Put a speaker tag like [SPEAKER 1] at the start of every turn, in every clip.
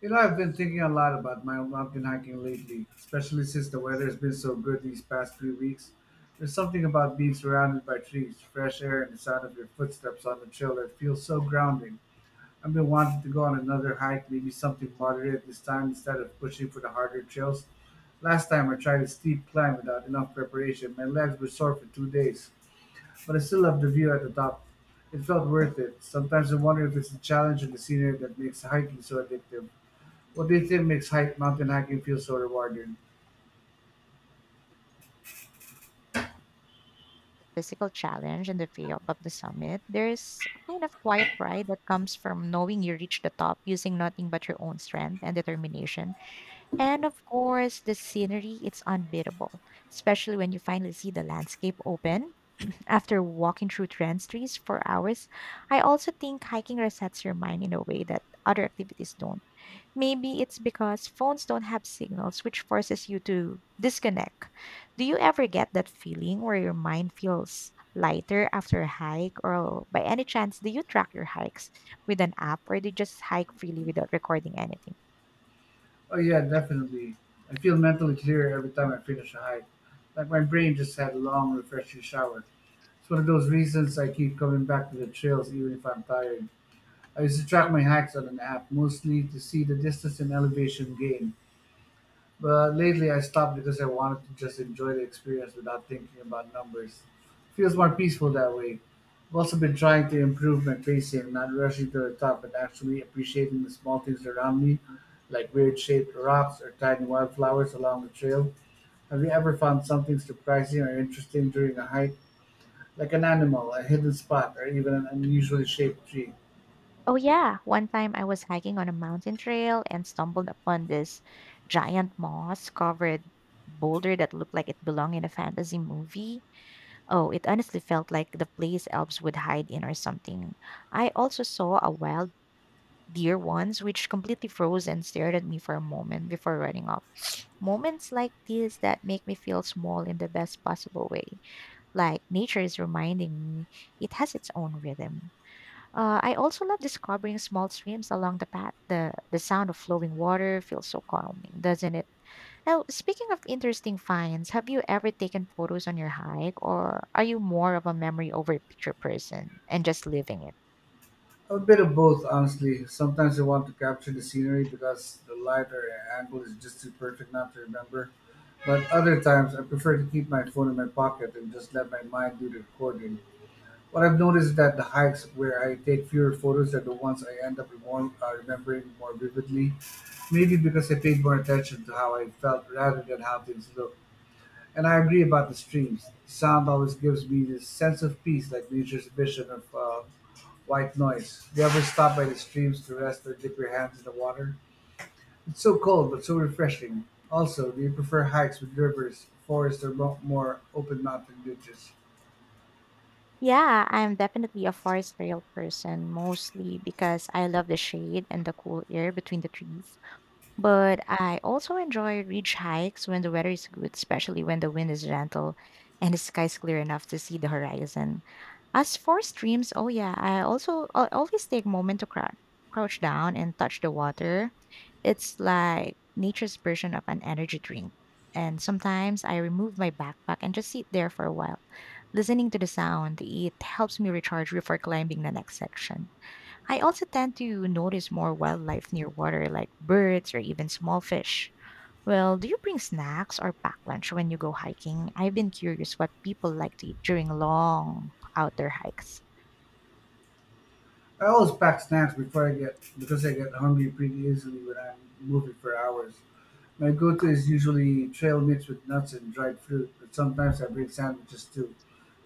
[SPEAKER 1] I've been thinking a lot about my mountain hiking lately, especially since the weather has been so good these past few weeks. There's something about being surrounded by trees, fresh air, and the sound of your footsteps on the trail that feels so grounding. I've been wanting to go on another hike, maybe something moderate this time instead of pushing for the harder trails. Last time I tried a steep climb without enough preparation, my legs were sore for 2 days, but I still love the view at the top. It felt worth it. Sometimes I wonder if it's the challenge and the scenery that makes hiking so addictive. What do you think makes hike mountain hiking feel so rewarding?
[SPEAKER 2] Physical challenge and the payoff of the summit, there's a kind of quiet pride that comes from knowing you reached the top using nothing but your own strength and determination. And of course, the scenery, it's unbeatable, especially when you finally see the landscape open after walking through trans trees for hours. I also think hiking resets your mind in a way that other activities don't. Maybe it's because phones don't have signals, which forces you to disconnect. Do you ever get that feeling where your mind feels lighter after a hike? Or by any chance, do you track your hikes with an app or do you just hike freely without recording anything?
[SPEAKER 1] Oh yeah, definitely. I feel mentally clearer every time I finish a hike. Like my brain just had a long, refreshing shower. It's one of those reasons I keep coming back to the trails even if I'm tired. I used to track my hikes on an app mostly to see the distance and elevation gain. But lately I stopped because I wanted to just enjoy the experience without thinking about numbers. Feels more peaceful that way. I've also been trying to improve my pacing, not rushing to the top, but actually appreciating the small things around me, like weird shaped rocks or tiny wildflowers along the trail. Have you ever found something surprising or interesting during a hike, like an animal, a hidden spot, or even an unusually shaped tree?
[SPEAKER 2] Oh, yeah. One time I was hiking on a mountain trail and stumbled upon this giant moss covered boulder that looked like it belonged in a fantasy movie. Oh, it honestly felt like the place elves would hide in or something. I also saw a wild deer once, which completely froze and stared at me for a moment before running off. Moments like these that make me feel small in the best possible way. Like nature is reminding me it has its own rhythm. I also love discovering small streams along the path. The sound of flowing water feels so calming, doesn't it? Now, speaking of interesting finds, have you ever taken photos on your hike, or are you more of a memory over picture person and just living it?
[SPEAKER 1] A bit of both, honestly. Sometimes I want to capture the scenery because the light or angle is just too perfect not to remember. But other times, I prefer to keep my phone in my pocket and just let my mind do the recording. What I've noticed is that the hikes where I take fewer photos are the ones I end up remembering more vividly. Maybe because I paid more attention to how I felt rather than how things look. And I agree about the streams. The sound always gives me this sense of peace, like nature's vision of white noise. Do you ever stop by the streams to rest or dip your hands in the water? It's so cold but so refreshing. Also, do you prefer hikes with rivers, forests, or more open mountain ditches?
[SPEAKER 2] Yeah, I'm definitely a forest trail person, mostly because I love the shade and the cool air between the trees. But I also enjoy ridge hikes when the weather is good, especially when the wind is gentle and the sky is clear enough to see the horizon. As for streams, oh yeah, I always take moment to crouch down and touch the water. It's like nature's version of an energy drink. And sometimes I remove my backpack and just sit there for a while, listening to the sound. It helps me recharge before climbing the next section. I also tend to notice more wildlife near water, like birds or even small fish. Well, do you bring snacks or pack lunch when you go hiking? I've been curious what people like to eat during long outdoor hikes.
[SPEAKER 1] I always pack snacks before I get because I get hungry pretty easily when I'm moving for hours. My go-to is usually trail mixed with nuts and dried fruit, but sometimes I bring sandwiches too,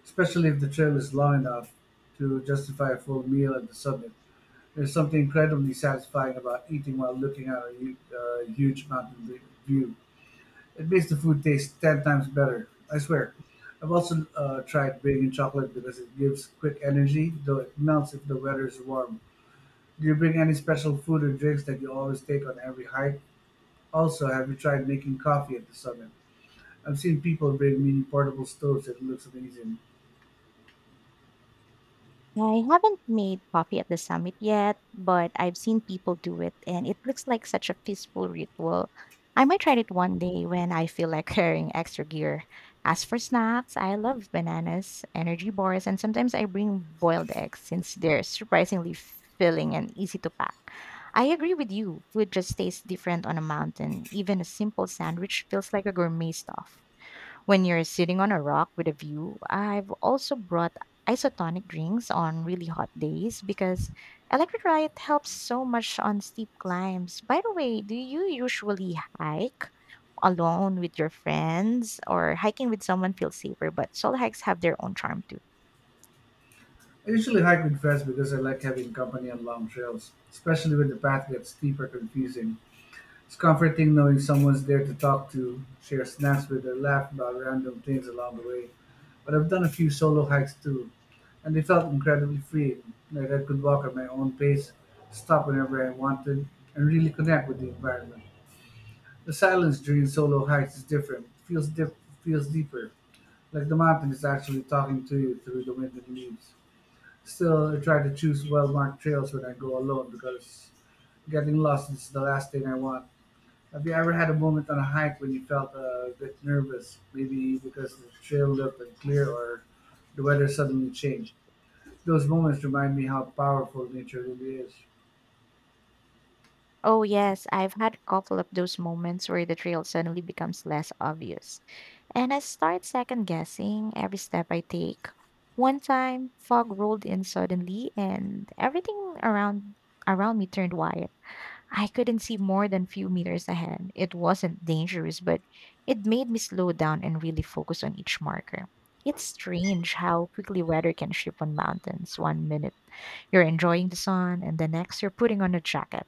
[SPEAKER 1] especially if the trail is long enough to justify a full meal at the summit. There's something incredibly satisfying about eating while looking at a huge mountain view. It makes the food taste 10 times better, I swear. I've also tried bringing chocolate because it gives quick energy, though it melts if the weather is warm. Do you bring any special food or drinks that you always take on every hike? Also, have you tried making coffee at the summit? I've seen people bring mini portable stoves and it looks amazing.
[SPEAKER 2] I haven't made coffee at the summit yet, but I've seen people do it and it looks like such a peaceful ritual. I might try it one day when I feel like carrying extra gear. As for snacks, I love bananas, energy bars, and sometimes I bring boiled eggs since they're surprisingly filling and easy to pack. I agree with you, food just tastes different on a mountain. Even a simple sandwich feels like a gourmet stuff when you're sitting on a rock with a view. I've also brought isotonic drinks on really hot days because electrolyte helps so much on steep climbs. By the way, do you usually hike alone with your friends or hiking with someone feels safer, but solo hikes have their own charm too.
[SPEAKER 1] I usually hike with friends because I like having company on long trails, especially when the path gets steep or confusing. It's comforting knowing someone's there to talk to, share snacks with, or laugh about random things along the way. But I've done a few solo hikes too, and they felt incredibly freeing, like I could walk at my own pace, stop whenever I wanted, and really connect with the environment. The silence during solo hikes is different. It feels deeper, like the mountain is actually talking to you through the wind and leaves. Still, I try to choose well-marked trails when I go alone because getting lost is the last thing I want. Have you ever had a moment on a hike when you felt a bit nervous, maybe because the trail looked unclear or the weather suddenly changed? Those moments remind me how powerful nature really is.
[SPEAKER 2] Oh yes, I've had a couple of those moments where the trail suddenly becomes less obvious. And I start second guessing every step I take. One time, fog rolled in suddenly and everything around me turned white. I couldn't see more than few meters ahead. It wasn't dangerous, but it made me slow down and really focus on each marker. It's strange how quickly weather can shift on mountains. One minute you're enjoying the sun, and the next, you're putting on a jacket.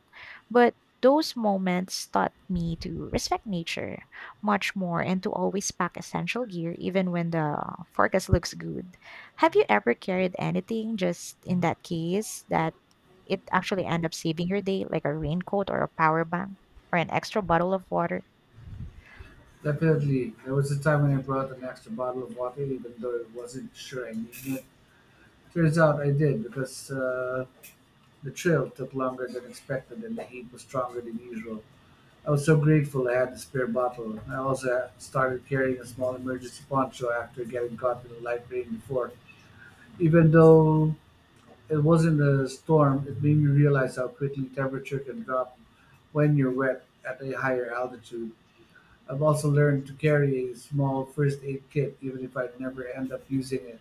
[SPEAKER 2] But those moments taught me to respect nature much more and to always pack essential gear even when the forecast looks good. Have you ever carried anything just in that case that it actually end up saving your day, like a raincoat or a power bank or an extra bottle of water?
[SPEAKER 1] Definitely, there was a time when I brought an extra bottle of water, even though I wasn't sure I needed it. Turns out I did because the trail took longer than expected and the heat was stronger than usual. I was so grateful I had the spare bottle. I also started carrying a small emergency poncho after getting caught in a light rain before. Even though it wasn't a storm, it made me realize how quickly temperature can drop when you're wet at a higher altitude. I've also learned to carry a small first aid kit even if I never end up using it.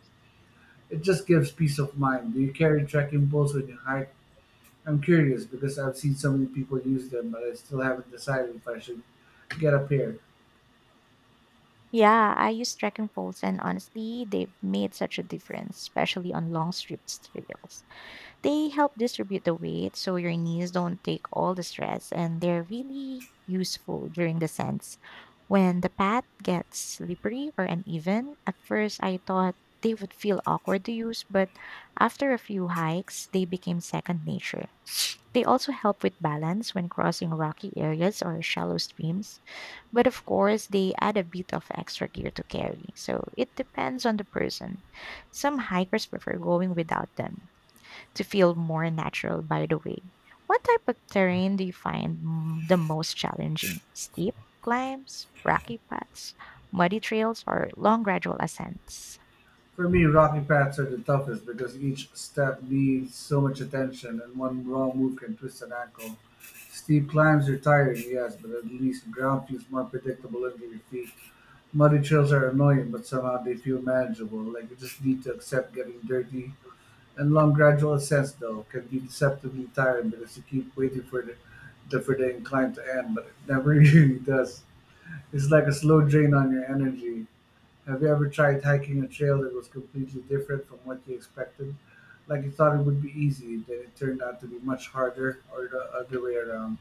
[SPEAKER 1] It just gives peace of mind. Do you carry trekking poles when you hike? I'm curious because I've seen so many people use them, but I still haven't decided if I should get a pair.
[SPEAKER 2] Yeah, I use trekking poles, and honestly, they made such a difference, especially on long strips trails. They help distribute the weight so your knees don't take all the stress, and they're really useful during descents. When the path gets slippery or uneven, at first I thought they would feel awkward to use, but after a few hikes, they became second nature. They also help with balance when crossing rocky areas or shallow streams, but of course, they add a bit of extra gear to carry, so it depends on the person. Some hikers prefer going without them, to feel more natural by the way. What type of terrain do you find the most challenging? Steep climbs, rocky paths, muddy trails, or long gradual ascents?
[SPEAKER 1] For me, rocking pads are the toughest because each step needs so much attention and one wrong move can twist an ankle. Steep climbs are tiring, yes, but at least ground feels more predictable under your feet. Muddy trails are annoying, but somehow they feel manageable, like you just need to accept getting dirty. And long gradual ascents, though, can be deceptively tiring because you keep waiting for the for the incline to end, but it never really does. It's like a slow drain on your energy. Have you ever tried hiking a trail that was completely different from what you expected? Like you thought it would be easy, then it turned out to be much harder, or the other way around.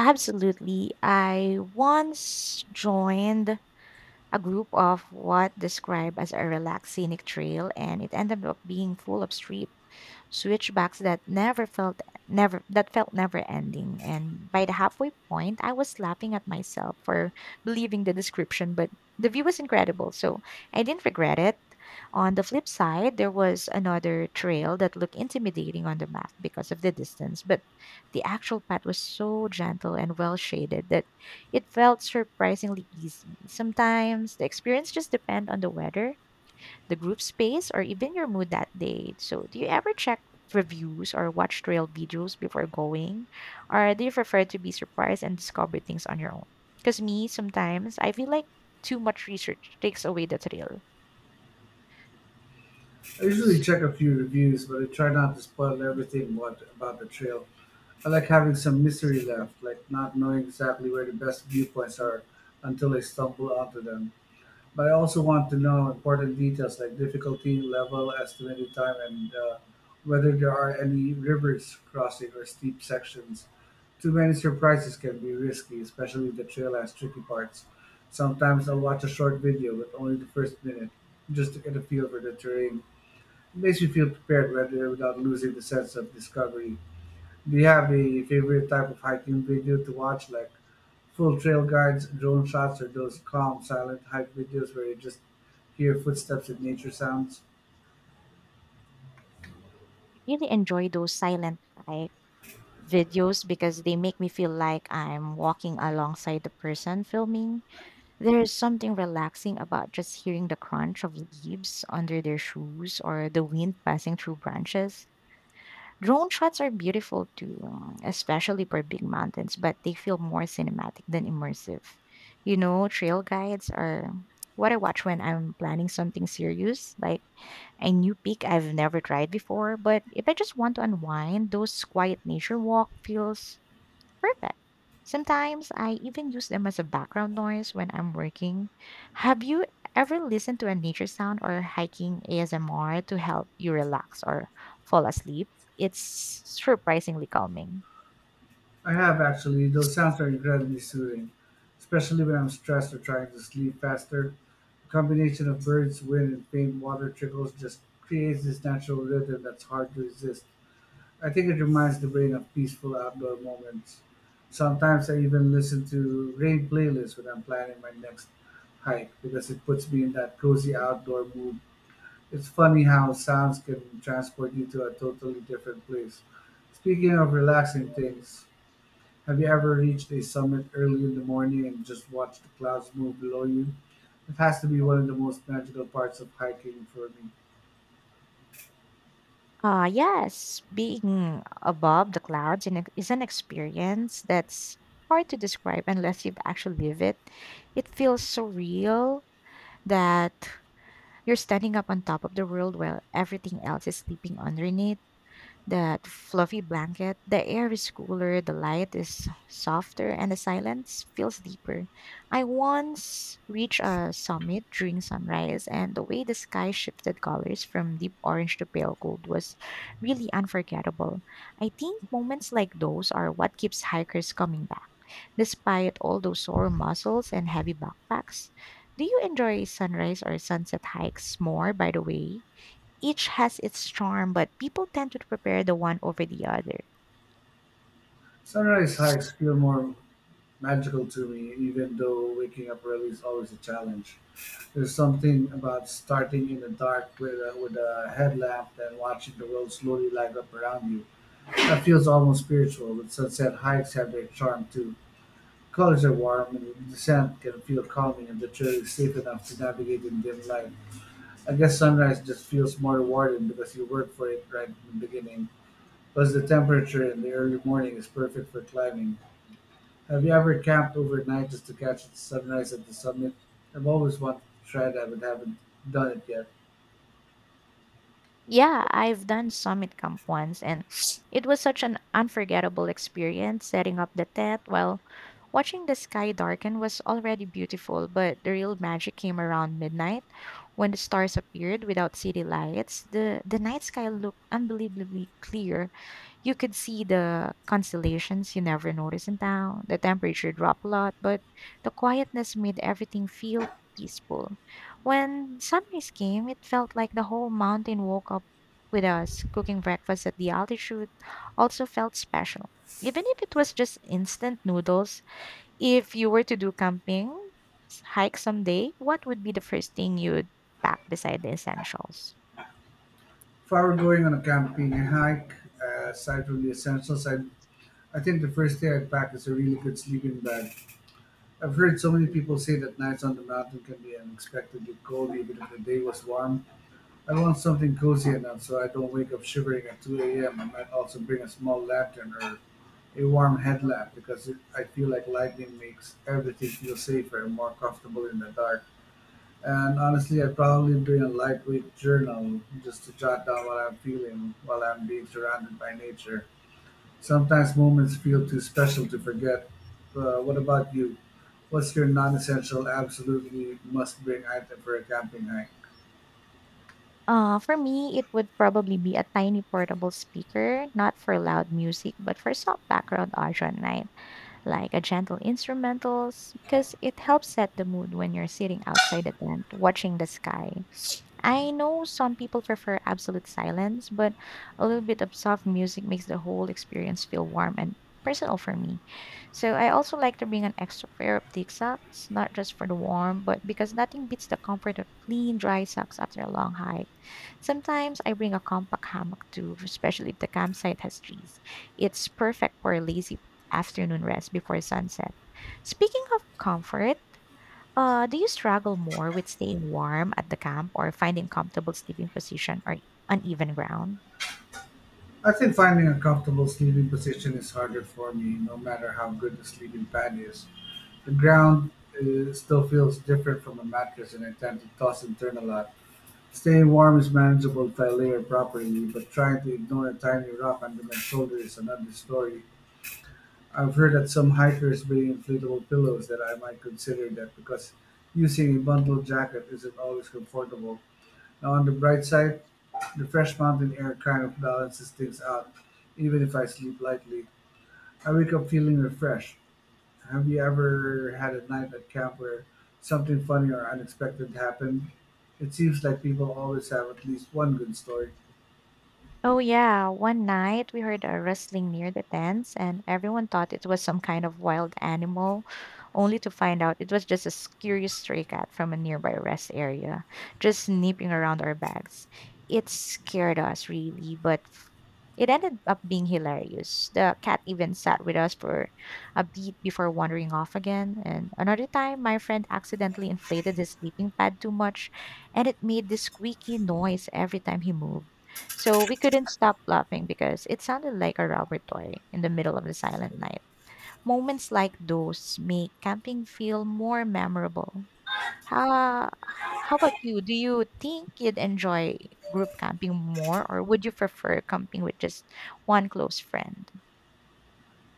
[SPEAKER 2] Absolutely. I once joined a group of what described as a relaxed scenic trail, and it ended up being full of steep switchbacks that never felt never that felt never ending. And by the halfway point, I was laughing at myself for believing the description, but the view was incredible, so I didn't regret it. On the flip side, there was another trail that looked intimidating on the map because of the distance, but the actual path was so gentle and well shaded that it felt surprisingly easy. Sometimes the experience just depend on the weather, the group space, or even your mood that day. So, do you ever check reviews or watch trail videos before going? Or do you prefer to be surprised and discover things on your own? Because me, sometimes I feel like too much research takes away the thrill.
[SPEAKER 1] I usually
[SPEAKER 2] So,
[SPEAKER 1] check a few reviews, but I try not to spoil about the trail. I like having some mystery left, like not knowing exactly where the best viewpoints are until I stumble onto them. But I also want to know important details like difficulty level, estimated time, and whether there are any rivers crossing or steep sections. Too many surprises can be risky, especially if the trail has tricky parts. Sometimes I'll watch a short video with only the first minute just to get a feel for the terrain. It makes me feel prepared rather without losing the sense of discovery. Do you have a favorite type of hiking video to watch, like full trail guides, drone shots, or those calm, silent hike videos where you just hear footsteps and nature sounds?
[SPEAKER 2] I really enjoy those silent hike videos because they make me feel like I'm walking alongside the person filming. There is something relaxing about just hearing the crunch of leaves under their shoes or the wind passing through branches. Drone shots are beautiful too, especially for big mountains, but they feel more cinematic than immersive. You know, trail guides are what I watch when I'm planning something serious, like a new peak I've never tried before. But if I just want to unwind, those quiet nature walk feels perfect. Sometimes I even use them as a background noise when I'm working. Have you ever listened to a nature sound or hiking ASMR to help you relax or fall asleep? It's surprisingly calming.
[SPEAKER 1] I have actually. Those sounds are incredibly soothing, especially when I'm stressed or trying to sleep faster. The combination of birds, wind, and faint water trickles just creates this natural rhythm that's hard to resist. I think it reminds the brain of peaceful outdoor moments. Sometimes I even listen to rain playlists when I'm planning my next hike because it puts me in that cozy outdoor mood. It's funny how sounds can transport you to a totally different place. Speaking of relaxing things, have you ever reached a summit early in the morning and just watched the clouds move below you? It has to be one of the most magical parts of hiking for me.
[SPEAKER 2] Yes, being above the clouds is an experience that's hard to describe unless you've actually lived it. It feels so real that you're standing up on top of the world while everything else is sleeping underneath. That fluffy blanket, the air is cooler, the light is softer, and the silence feels deeper. I once reached a summit during sunrise, and the way the sky shifted colors from deep orange to pale gold was really unforgettable. I think moments like those are what keeps hikers coming back, despite all those sore muscles and heavy backpacks. Do you enjoy sunrise or sunset hikes more, by the way? Each has its charm, but people tend to prepare the one over the other.
[SPEAKER 1] Sunrise hikes feel more magical to me, even though waking up early is always a challenge. There's something about starting in the dark with a headlamp and watching the world slowly light up around you. That feels almost spiritual, but sunset hikes have their charm too. Colors are warm and the sand can feel calming and the trail is safe enough to navigate in dim light. I guess sunrise just feels more rewarding because you work for it right in the beginning. Plus, the temperature in the early morning is perfect for climbing. Have you ever camped overnight just to catch the sunrise at the summit? I've always wanted to try that but haven't done it yet.
[SPEAKER 2] Yeah, I've done summit camp once, and it was such an unforgettable experience. Setting up the tent while watching the sky darken was already beautiful, but the real magic came around midnight when the stars appeared without city lights. The night sky looked unbelievably clear. You could see the constellations you never notice in town. The temperature dropped a lot, but the quietness made everything feel peaceful. When sunrise came, it felt like the whole mountain woke up with us. Cooking breakfast at the altitude also felt special. Even if it was just instant noodles, if you were to do camping, hike someday, what would be the first thing you'd pack beside the essentials?
[SPEAKER 1] If I were going on a camping hike, aside from the essentials, I think the first thing I'd pack is a really good sleeping bag. I've heard so many people say that nights on the mountain can be unexpectedly cold even if the day was warm. I want something cozy enough so I don't wake up shivering at 2 a.m. I might also bring a small lantern or a warm headlamp I feel like lighting makes everything feel safer and more comfortable in the dark. And honestly, I'd probably bring a lightweight journal just to jot down what I'm feeling while I'm being surrounded by nature. Sometimes moments feel too special to forget. What about you? What's your non-essential, absolutely must-bring item for a camping hike?
[SPEAKER 2] For me, it would probably be a tiny portable speaker, not for loud music, but for soft background audio at night, like a gentle instrumentals, because it helps set the mood when you're sitting outside the tent watching the sky. I know some people prefer absolute silence, but a little bit of soft music makes the whole experience feel warm and personal for me. So I also like to bring an extra pair of thick socks, not just for the warm, but because nothing beats the comfort of clean, dry socks after a long hike. Sometimes I bring a compact hammock too, especially if the campsite has trees. It's perfect for a lazy afternoon rest before sunset. Speaking of comfort, do you struggle more with staying warm at the camp or finding comfortable sleeping position or uneven ground?
[SPEAKER 1] I think finding a comfortable sleeping position is harder for me, no matter how good the sleeping pad is. The ground still feels different from a mattress and I tend to toss and turn a lot. Staying warm is manageable if I layer properly, but trying to ignore a tiny rock under my shoulder is another story. I've heard that some hikers bring inflatable pillows that I might consider that because using a bundle jacket isn't always comfortable. Now, on the bright side, the fresh mountain air kind of balances things out, even if I sleep lightly. I wake up feeling refreshed. Have you ever had a night at camp where something funny or unexpected happened? It seems like people always have at least one good story.
[SPEAKER 2] Oh, yeah. One night we heard a rustling near the tents, and everyone thought it was some kind of wild animal, only to find out it was just a curious stray cat from a nearby rest area, just sneaking around our bags. It scared us really, but it ended up being hilarious. The cat even sat with us for a beat before wandering off again. And another time, my friend accidentally inflated his sleeping pad too much, and it made this squeaky noise every time he moved. So we couldn't stop laughing because it sounded like a rubber toy in the middle of the silent night. Moments like those make camping feel more memorable. How, how about you? Do you think you'd enjoy group camping more, or would you prefer camping with just one close friend?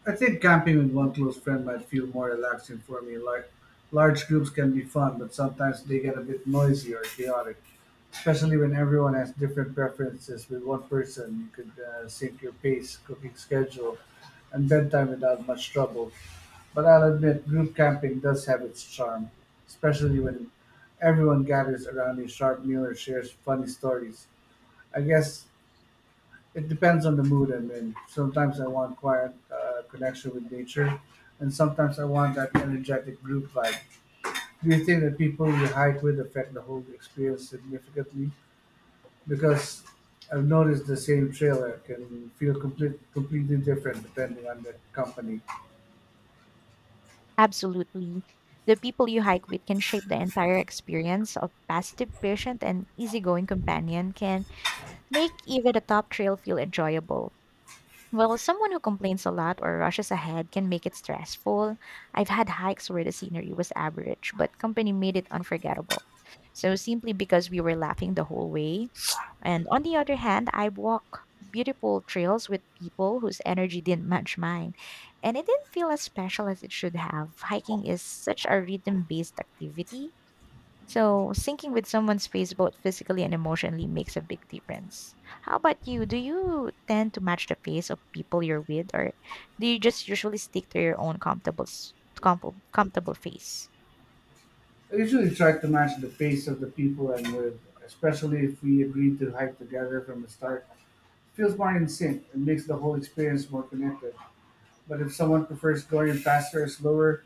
[SPEAKER 1] I think camping with one close friend might feel more relaxing for me. Like large groups can be fun, but sometimes they get a bit noisy or chaotic, especially when everyone has different preferences. With one person, you could sync your pace, cooking schedule, and bedtime without much trouble. But I'll admit, group camping does have its charm, especially when everyone gathers around a sharp meal or shares funny stories. I guess it depends on the mood I'm in. Sometimes I want quiet connection with nature, and sometimes I want that energetic group vibe. Do you think that people you hike with affect the whole experience significantly? Because I've noticed the same trailer can feel completely different depending on the company.
[SPEAKER 2] Absolutely. The people you hike with can shape the entire experience. A positive, patient, and easygoing companion can make even a top trail feel enjoyable. Well, someone who complains a lot or rushes ahead can make it stressful. I've had hikes where the scenery was average, but company made it unforgettable. So simply because we were laughing the whole way. And on the other hand, I walk beautiful trails with people whose energy didn't match mine. And it didn't feel as special as it should have. Hiking is such a rhythm based activity so, syncing with someone's pace both physically and emotionally makes a big difference. How about you? Do you tend to match the pace of people you're with, or do you just usually stick to your own comfortable pace?
[SPEAKER 1] I usually try to match the pace of the people I'm with, especially if we agree to hike together from the start. It feels more in sync and makes the whole experience more connected. But if someone prefers going faster or slower,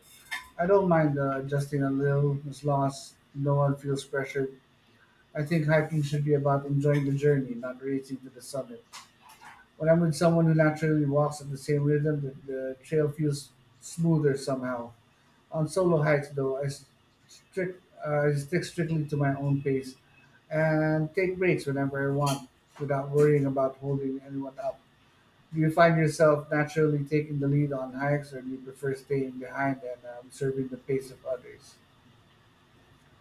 [SPEAKER 1] I don't mind adjusting a little as long as no one feels pressured. I think hiking should be about enjoying the journey, not racing to the summit. When I'm with someone who naturally walks at the same rhythm, the trail feels smoother somehow. On solo hikes, though, I stick strictly to my own pace and take breaks whenever I want without worrying about holding anyone up. Do you find yourself naturally taking the lead on hikes, or do you prefer staying behind and observing the pace of others?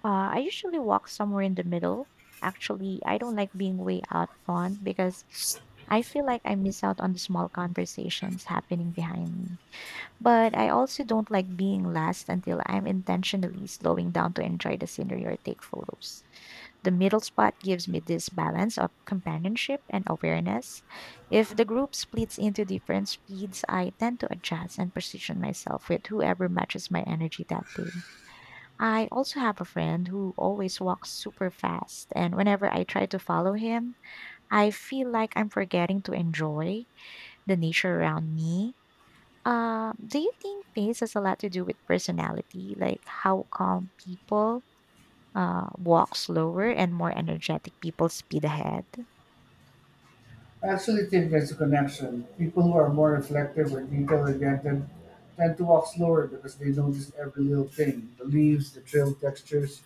[SPEAKER 2] I usually walk somewhere in the middle. Actually, I don't like being way out front because I feel like I miss out on the small conversations happening behind me. But I also don't like being last until I'm intentionally slowing down to enjoy the scenery or take photos. The middle spot gives me this balance of companionship and awareness. If the group splits into different speeds, I tend to adjust and position myself with whoever matches my energy that day. I also have a friend who always walks super fast, and whenever I try to follow him, I feel like I'm forgetting to enjoy the nature around me. Do you think pace has a lot to do with personality, like how calm people walk slower and more energetic people speed ahead.
[SPEAKER 1] I actually think there's a connection. People who are more reflective or detail oriented tend to walk slower because they notice every little thing, the leaves, the trail textures,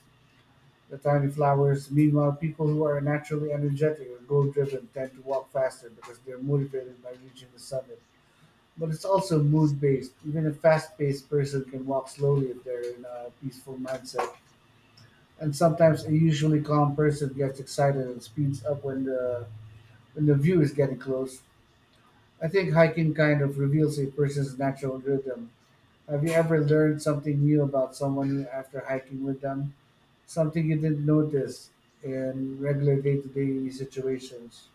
[SPEAKER 1] the tiny flowers. Meanwhile, people who are naturally energetic or goal driven tend to walk faster because they are motivated by reaching the summit. But it's also mood based. Even a fast paced person can walk slowly if they're in a peaceful mindset. And sometimes a usually calm person gets excited and speeds up when when the view is getting close. I think hiking kind of reveals a person's natural rhythm. Have you ever learned something new about someone after hiking with them? Something you didn't notice in regular day-to-day situations.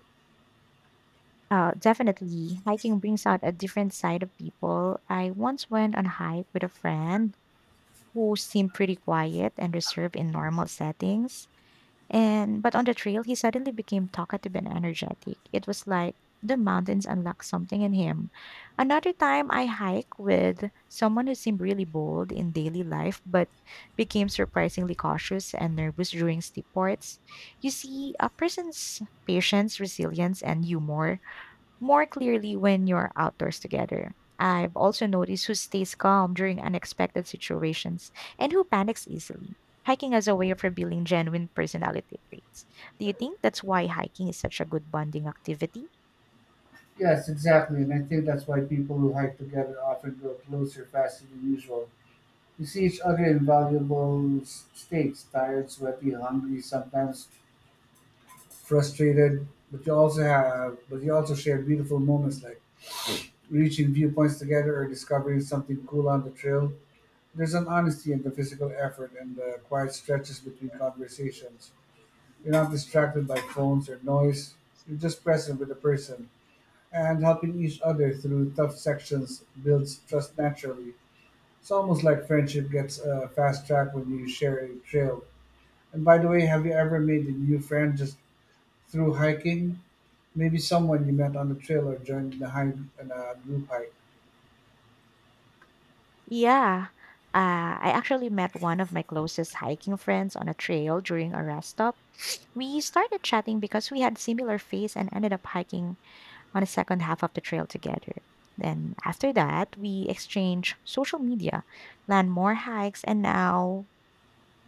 [SPEAKER 2] Definitely, hiking brings out a different side of people. I once went on a hike with a friend who seemed pretty quiet and reserved in normal settings. And but on the trail, he suddenly became talkative and energetic. It was like the mountains unlocked something in him. Another time, I hike with someone who seemed really bold in daily life, but became surprisingly cautious and nervous during steep parts. You see, a person's patience, resilience, and humor more clearly when you're outdoors together. I've also noticed who stays calm during unexpected situations and who panics easily. Hiking as a way of revealing genuine personality traits. Do you think that's why hiking is such a good bonding activity?
[SPEAKER 1] Yes, exactly, and I think that's why people who hike together often grow closer faster than usual. You see each other in states, tired, sweaty, hungry, sometimes frustrated, but but you also share beautiful moments like reaching viewpoints together or discovering something cool on the trail. There's an honesty in the physical effort and the quiet stretches between conversations. You're not distracted by phones or noise. You're just present with the person. And helping each other through tough sections builds trust naturally. It's almost like friendship gets a fast track when you share a trail. And by the way, have you ever made a new friend just through hiking? Maybe someone you met on the trail or joined in in a group hike.
[SPEAKER 2] Yeah. I actually met one of my closest hiking friends on a trail during a rest stop. We started chatting because we had similar face and ended up hiking on the second half of the trail together. Then after that, we exchange social media, plan more hikes, and now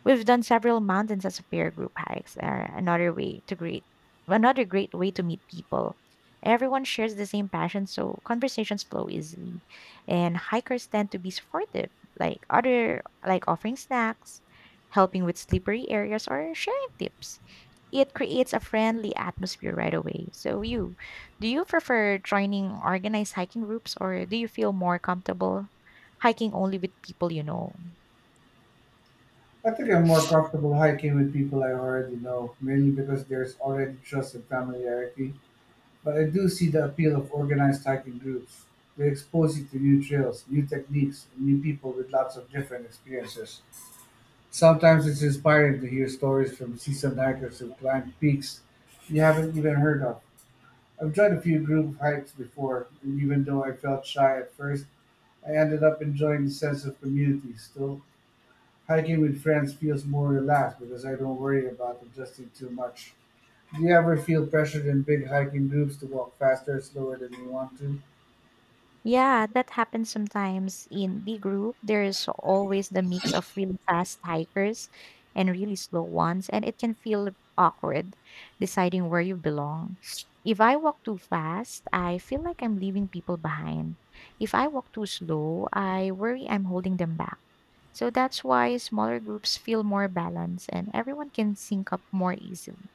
[SPEAKER 2] we've done several mountains as a pair group hikes. Are another way to great, another great way to meet people. Everyone shares the same passion, so conversations flow easily, and hikers tend to be supportive, like other like offering snacks, helping with slippery areas, or sharing tips it creates a friendly atmosphere right away. So you, do you prefer joining organized hiking groups or do you feel more comfortable hiking only with people you know?
[SPEAKER 1] I think I'm more comfortable hiking with people I already know, mainly because there's already trust and familiarity. But I do see the appeal of organized hiking groups. They expose you to new trails, new techniques, and new people with lots of different experiences. Sometimes it's inspiring to hear stories from seasoned hikers who climbed peaks you haven't even heard of. I've joined a few group hikes before, and even though I felt shy at first, I ended up enjoying the sense of community still. Hiking with friends feels more relaxed because I don't worry about adjusting too much. Do you ever feel pressured in big hiking groups to walk faster, slower than you want to?
[SPEAKER 2] Yeah, that happens sometimes in the group. There's always the mix of really fast hikers and really slow ones, and it can feel awkward deciding where you belong. If I walk too fast, I feel like I'm leaving people behind. If I walk too slow, I worry I'm holding them back. So that's why smaller groups feel more balanced and everyone can sync up more easily.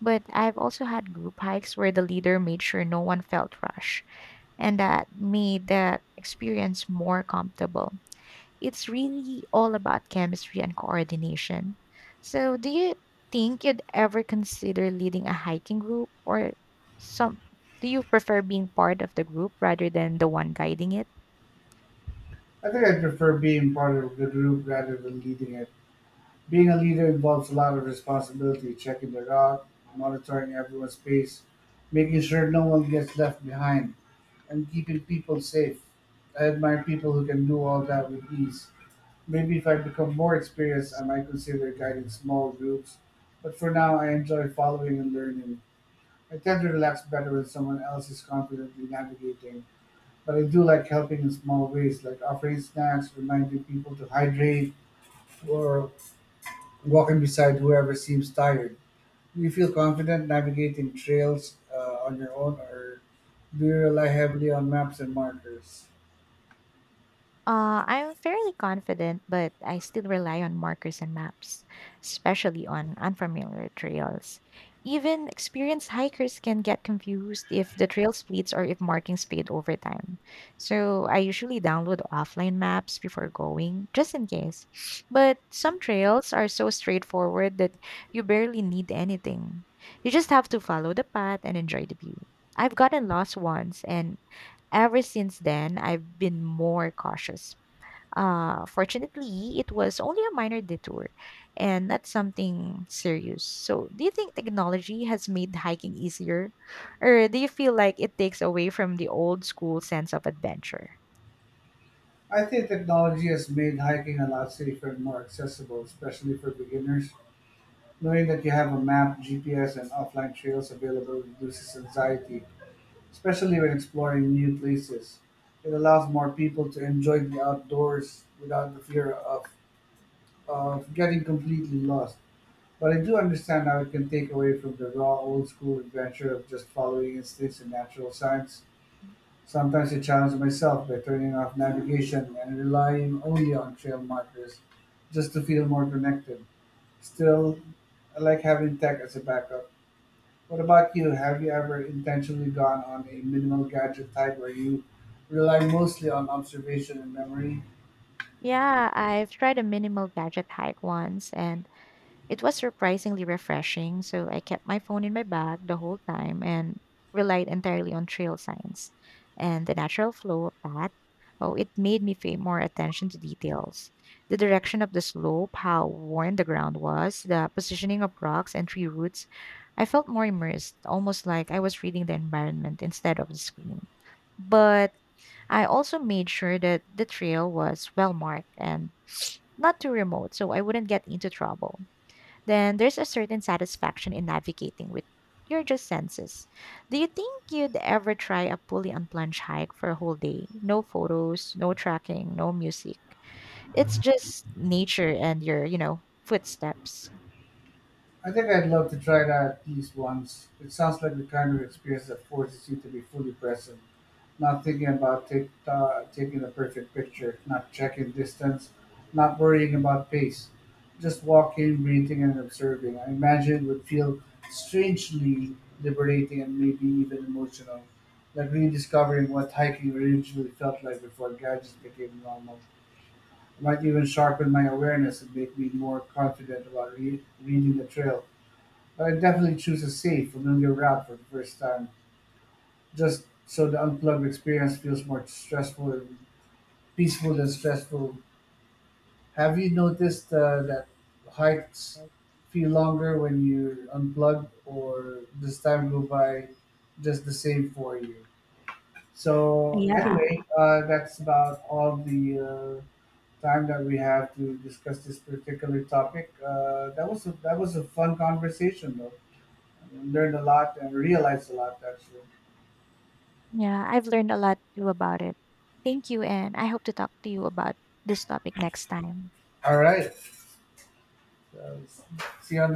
[SPEAKER 2] But I've also had group hikes where the leader made sure no one felt rushed, and that made the experience more comfortable. It's really all about chemistry and coordination. So, do you think you'd ever consider leading a hiking group or some do you prefer being part of the group rather than the one guiding it?
[SPEAKER 1] I think I prefer being part of the group rather than leading it. Being a leader involves a lot of responsibility, checking the route, monitoring everyone's pace, making sure no one gets left behind, and keeping people safe. I admire people who can do all that with ease. Maybe if I become more experienced, I might consider guiding small groups, but for now, I enjoy following and learning. I tend to relax better when someone else is confidently navigating. But I do like helping in small ways, like offering snacks, reminding people to hydrate, or walking beside whoever seems tired. Do you feel confident navigating trails on your own, or do you rely heavily on maps and markers?
[SPEAKER 2] I'm fairly confident, but I still rely on markers and maps, especially on unfamiliar trails. Even experienced hikers can get confused if the trail splits or if markings fade over time. So I usually download offline maps before going, just in case. But some trails are so straightforward that you barely need anything. You just have to follow the path and enjoy the view. I've gotten lost once and ever since then, I've been more cautious fortunately, it was only a minor detour and not something serious. So, do you think technology has made hiking easier? Or do you feel like it takes away from the old school sense of adventure?
[SPEAKER 1] I think technology has made hiking a lot safer and more accessible, especially for beginners. Knowing that you have a map, GPS, and offline trails available reduces anxiety especially when exploring new places. It allows more people to enjoy the outdoors without of getting completely lost. But I do understand how it can take away from the raw old school adventure of just following instincts and natural signs. Sometimes I challenge myself by turning off navigation and relying only on trail markers just to feel more connected. Still, I like having tech as a backup. What about you? Have you ever intentionally gone on a minimal gadget type where you rely mostly on observation and memory?
[SPEAKER 2] Yeah, I've tried a minimal gadget hike once and it was surprisingly refreshing, so I kept my phone in my bag the whole time and relied entirely on trail signs and the natural flow of that. Oh, it made me pay more attention to details. The direction of the slope, how worn the ground was, the positioning of rocks and tree roots. I felt more immersed, almost like I was reading the environment instead of the screen. But I also made sure that the trail was well marked and not too remote so I wouldn't get into trouble then there's a certain satisfaction in navigating with your just senses. Do you think you'd ever try a fully unplanned hike for a whole day? No photos, no tracking, no music. It's just nature and your, footsteps.
[SPEAKER 1] I think I'd love to try that at least once. It sounds like the kind of experience that forces you to be fully present, not thinking about taking the perfect picture, not checking distance, not worrying about pace, just walking, breathing, and observing. I imagine it would feel strangely liberating and maybe even emotional, like rediscovering what hiking originally felt like before gadgets became normal. It might even sharpen my awareness and make me more confident about reading the trail. But I definitely choose a safe, familiar route for the first time, just so the unplugged experience feels more stressful and peaceful than stressful. Have you noticed that hikes feel longer when you're unplugged, or does time go by just the same for you? So
[SPEAKER 2] Yeah.
[SPEAKER 1] anyway, that's about all the time that we have to discuss this particular topic. That was that was a fun conversation, though. Learned a lot and realized a lot actually.
[SPEAKER 2] Yeah, I've learned a lot too about it. Thank you, and I hope to talk to you about this topic next time.
[SPEAKER 1] All right. So, see you on the next.